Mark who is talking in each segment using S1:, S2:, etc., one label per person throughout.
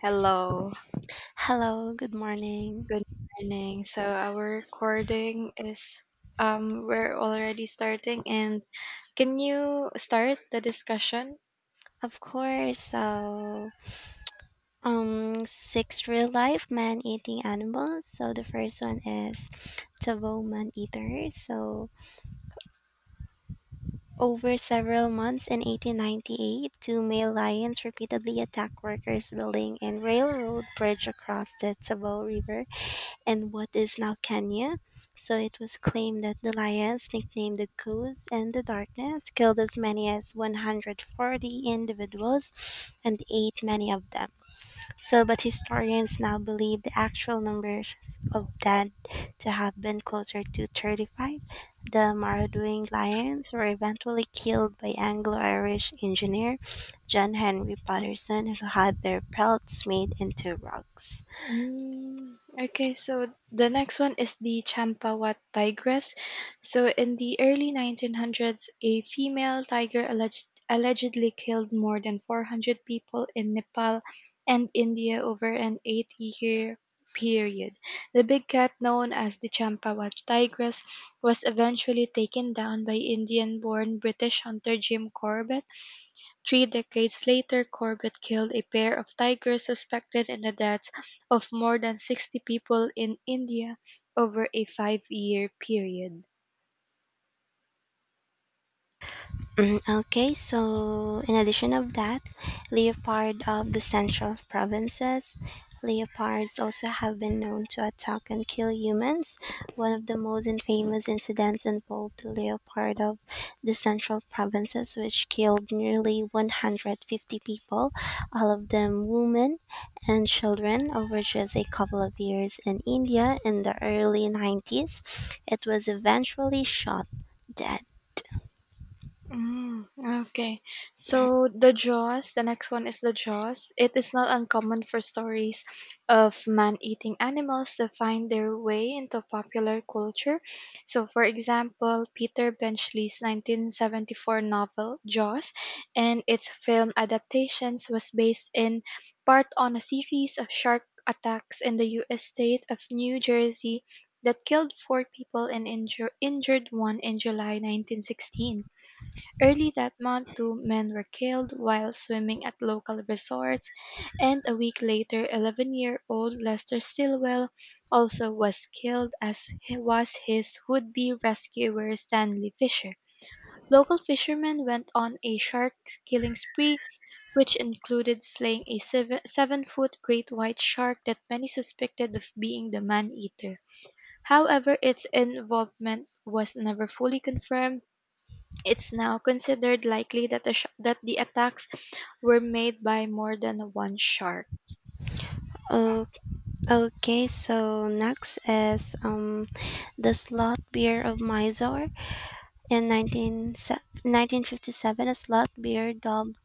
S1: Hello,
S2: Hello, good morning.
S1: good morning. So our recording is we're already starting and can you start the discussion?
S2: Of course, so six real life man eating animals. So the first one is Tavo man eater. So over several months in 1898, two male lions repeatedly attacked workers building a railroad bridge across the Tavo River and what is now Kenya. So it was claimed that the lions, nicknamed the Ghouls and the Darkness, killed as many as 140 individuals and ate many of them. But historians now believe the actual numbers of dead to have been closer to 35. The marauding lions were eventually killed by Anglo Irish engineer John Henry Patterson, who had their pelts made into rugs.
S1: Mm, okay, so the next one is the Champawat tigress. So in the early 1900s, a female tiger allegedly killed more than 400 people in Nepal and India over an 8-year period. The big cat known as the Champawat tigress was eventually taken down by Indian-born British hunter Jim Corbett. Three decades later, Corbett killed a pair of tigers suspected in the deaths of more than 60 people in India over a five-year period.
S2: Mm, okay, so in addition of that, leopard of the central provinces, leopards also have been known to attack and kill humans. One of the most infamous incidents involved the leopard of the central provinces, which killed nearly 150 people, all of them women and children, over just a couple of years in India in the early 90s. It was eventually shot dead.
S1: Mm, okay. So the next one is the Jaws. It is not uncommon for stories of man-eating animals to find their way into popular culture. So for example, Peter Benchley's 1974 novel Jaws and its film adaptations was based in part on a series of shark attacks in the US state of New Jersey that killed four people and injured one in July 1916. Early that month, two men were killed while swimming at local resorts, and a week later 11-year-old Lester Stilwell also was killed, as was his would-be rescuer Stanley Fisher. Local fishermen went on a shark killing spree, which included slaying a 7-foot great white shark that many suspected of being the man-eater. However, its involvement was never fully confirmed; it's now considered likely that that the attacks were made by more than one shark.
S2: Oh, okay, so next is the slot beer of Mysore in 1957. A slot beer dubbed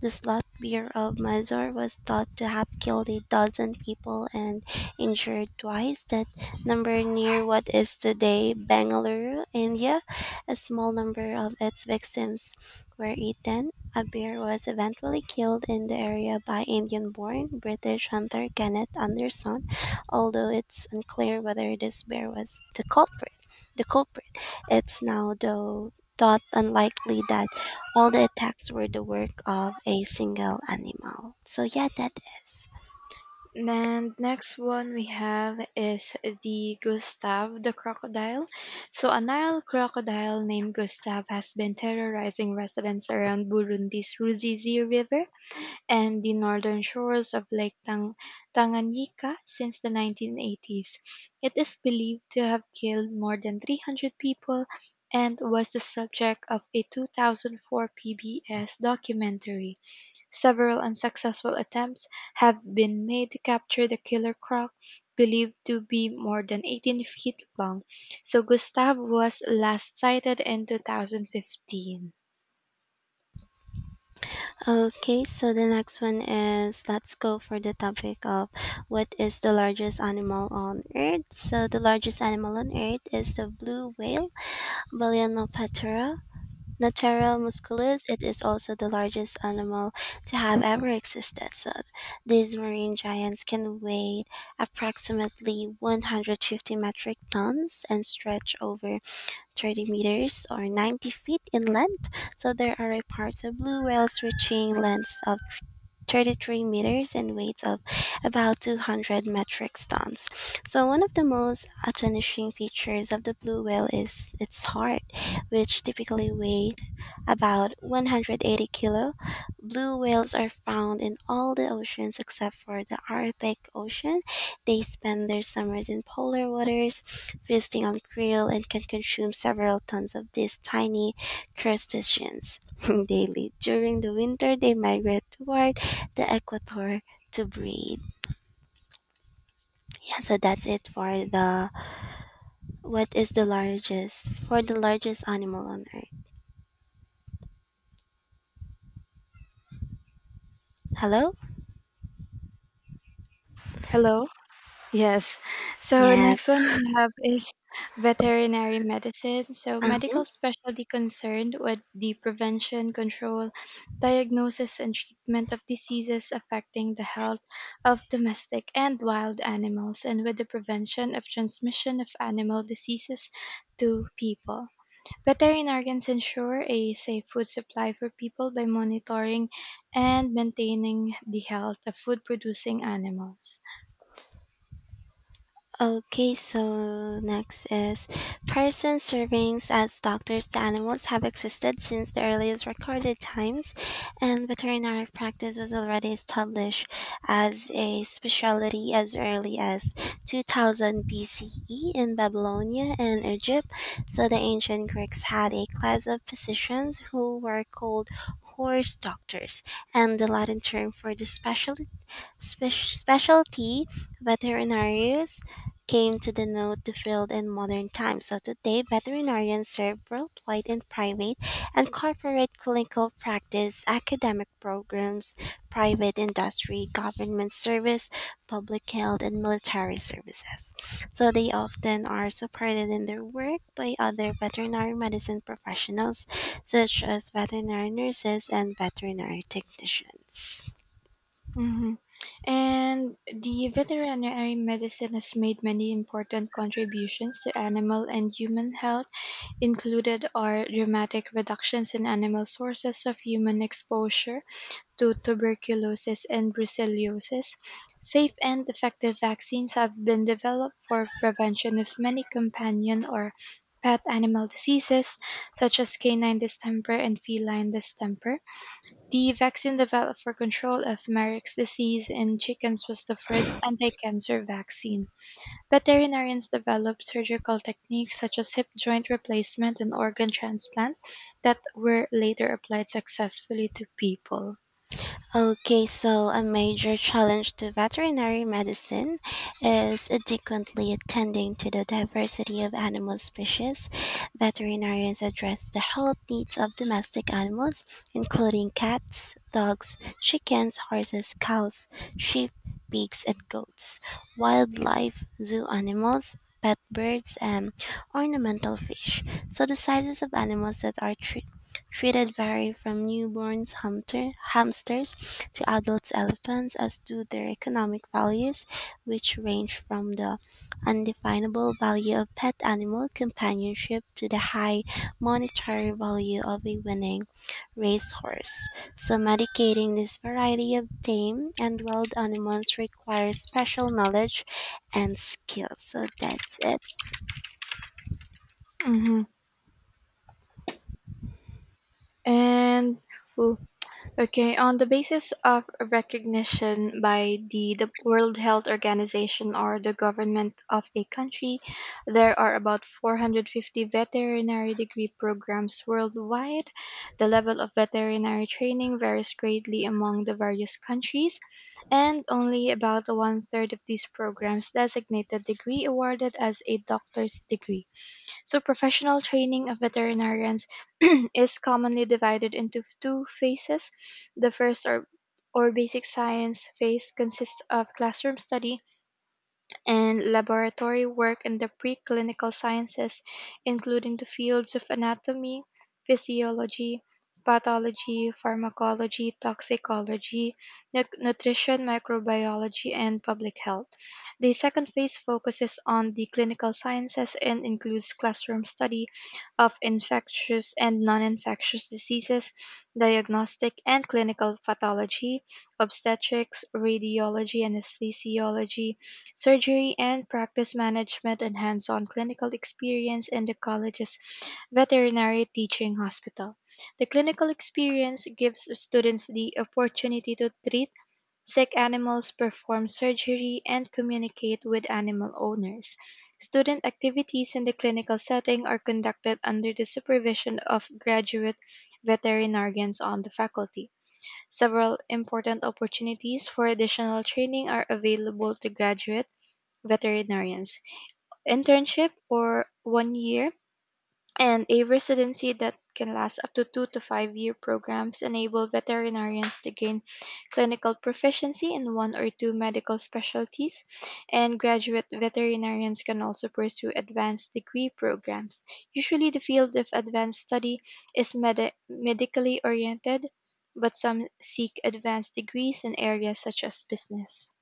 S2: the slot beer of Mazor was thought to have killed a dozen people and injured twice that number near what is today Bengaluru, India. A small number of its victims were eaten. A bear was eventually killed in the area by Indian born British hunter Kenneth Anderson, although it's unclear whether this bear was the culprit. The culprit. It's now, though, thought unlikely that all the attacks were the work of a single animal. So yeah, that is.
S1: And next one we have is the Gustav the crocodile. So a Nile crocodile named Gustav has been terrorizing residents around Burundi's Ruzizi River and the northern shores of Lake Tanganyika since the 1980s. It is believed to have killed more than 300 people and was the subject of a 2004 PBS documentary. Several unsuccessful attempts have been made to capture the killer croc, believed to be more than 18 feet long. So Gustav was last sighted in 2015.
S2: Okay, so the next one is let's go for the topic of what is the largest animal on earth. So the largest animal on earth is the blue whale, Balænoptera. Natera musculus, it is also the largest animal to have ever existed. So these marine giants can weigh approximately 150 metric tons and stretch over 30 meters or 90 feet in length. So there are parts of blue whales reaching lengths of 33 meters and weights of about 200 metric tons. So one of the most astonishing features of the blue whale is its heart, which typically weighs about 180-kilo, blue whales are found in all the oceans except for the Arctic Ocean. They spend their summers in polar waters, feasting on krill, and can consume several tons of these tiny crustaceans daily. During the winter, they migrate toward the equator to breed. Yeah, so that's it for the what is the largest for the largest animal on earth. Hello?
S1: Hello? Yes. So
S2: Yes.
S1: next one we have is veterinary medicine. So
S2: uh,
S1: medical specialty concerned with the prevention, control, diagnosis, and treatment of diseases affecting the health of domestic and wild animals, and with the prevention of transmission of animal diseases to people. Veterinarians ensure a safe food supply for people by monitoring and maintaining the health of food producing animals.
S2: Okay, so next is person servings as doctors to animals have existed since the earliest recorded times, and veterinary practice was already established as a specialty as early as 2000 BCE in Babylonia and Egypt. So the ancient Greeks had a class of physicians who were called horse doctors, and the Latin term for the specialty specialty veterinarians came to denote the field in modern times. So today, veterinarians serve worldwide in private and corporate clinical practice, academic programs, private industry, government service, public health, and military services. So they often are supported in their work by other veterinary medicine professionals, such as veterinary nurses and veterinary technicians.
S1: Hmm. And the veterinary medicine has made many important contributions to animal and human health. Included are dramatic reductions in animal sources of human exposure to tuberculosis and brucellosis. Safe and effective vaccines have been developed for prevention of many companion or pet animal diseases such as canine distemper and feline distemper. The vaccine developed for control of Merrick's disease in chickens was the first anti-cancer vaccine. Veterinarians developed surgical techniques such as hip joint replacement and organ transplant that were later applied successfully to people.
S2: Okay, so a major challenge to veterinary medicine is adequately attending to the diversity of animal species. Veterinarians address the health needs of domestic animals, including cats, dogs, chickens, horses, cows, sheep, pigs, and goats, wildlife, zoo animals, pet birds, and ornamental fish. So the sizes of animals that are treated vary from newborns hamsters to adult elephants, as do their economic values, which range from the undefinable value of pet animal companionship to the high monetary value of a winning racehorse. So, medicating this variety of tame and wild animals requires special knowledge and skill. So, that's it.
S1: Mhm. And oh, okay, on the basis of recognition by the World Health Organization or the government of a country, there are about 450 veterinary degree programs worldwide. The level of veterinary training varies greatly among the various countries, and only about one third of these programs designate the degree awarded as a doctor's degree. So, professional training of veterinarians is commonly divided into two phases. The first or basic science phase consists of classroom study and laboratory work in the preclinical sciences, including the fields of anatomy, physiology, pathology, pharmacology, toxicology, nutrition, microbiology, and public health. The second phase focuses on the clinical sciences and includes classroom study of infectious and non infectious diseases, diagnostic and clinical pathology, obstetrics, radiology, anesthesiology, surgery and practice management, and hands-on clinical experience in the college's veterinary teaching hospital. The clinical experience gives students the opportunity to treat sick animals, perform surgery, and communicate with animal owners. Student activities in the clinical setting are conducted under the supervision of graduate veterinarians on the faculty. Several important opportunities for additional training are available to graduates veterinarians, internship or one year, and a residency that can last up to two to five year programs enable veterinarians to gain clinical proficiency in one or two medical specialties, and graduate veterinarians can also pursue advanced degree programs. Usually, the field of advanced study is medically oriented, but some seek advanced degrees in areas such as business.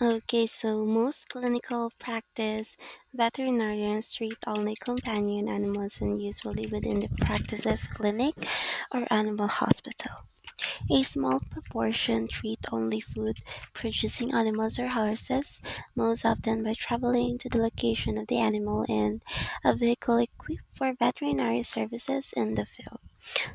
S2: Okay, so most clinical practice veterinarians treat only companion animals and usually within the practice's clinic or animal hospital. A small proportion treat only food producing animals or horses, most often by traveling to the location of the animal in a vehicle equipped for veterinary services in the field.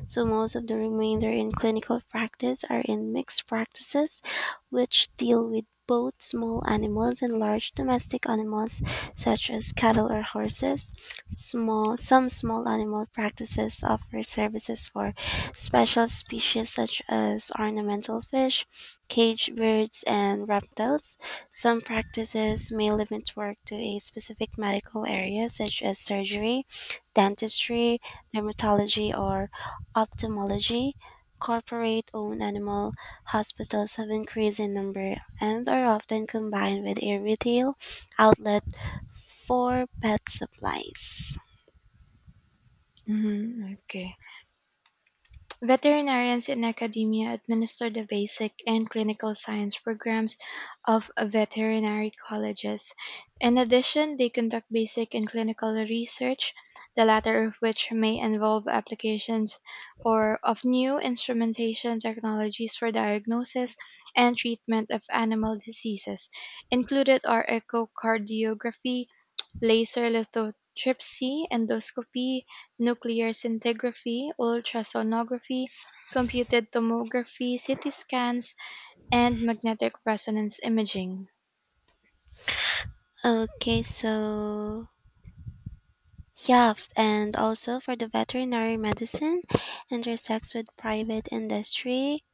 S2: So most of the remainder in clinical practice are in mixed practices, which deal with both small animals and large domestic animals such as cattle or horses. Small some small animal practices offer services for special species such as ornamental fish, cage birds and reptiles. Some practices may limit work to a specific medical area such as surgery, dentistry, dermatology or ophthalmology. Corporate-owned animal hospitals have increased in number and are often combined with a retail outlet for pet supplies.
S1: Mhm, okay. Veterinarians in academia administer the basic and clinical science programs of veterinary colleges. In addition, they conduct basic and clinical research, the latter of which may involve applications or of new instrumentation technologies for diagnosis and treatment of animal diseases. Included are echocardiography, laser lithotripsy, endoscopy, nuclear scintigraphy, ultrasonography, computed tomography, CT scans, and magnetic resonance imaging.
S2: Okay, so yeah, and also for the veterinary medicine intersects with private industry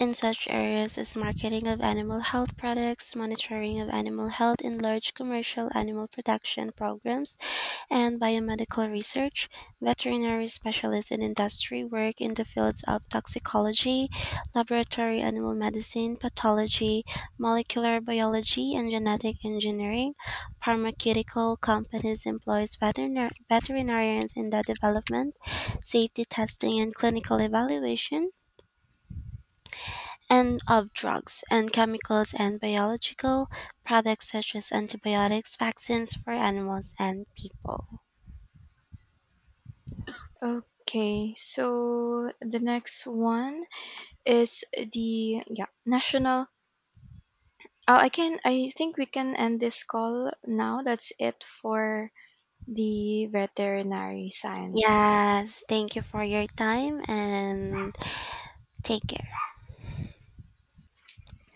S2: in such areas as marketing of animal health products, monitoring of animal health in large commercial animal protection programs, and biomedical research, veterinary specialists in industry work in the fields of toxicology, laboratory animal medicine, pathology, molecular biology, and genetic engineering. Pharmaceutical companies employs veterinarians in the development, safety testing, and clinical evaluation and of drugs and chemicals and biological products such as antibiotics, vaccines for animals and people.
S1: Okay, so the next one is the, yeah, national. Oh, I can, I think we can end this call now. That's it for the veterinary science.
S2: Yes, thank you for your time and take care.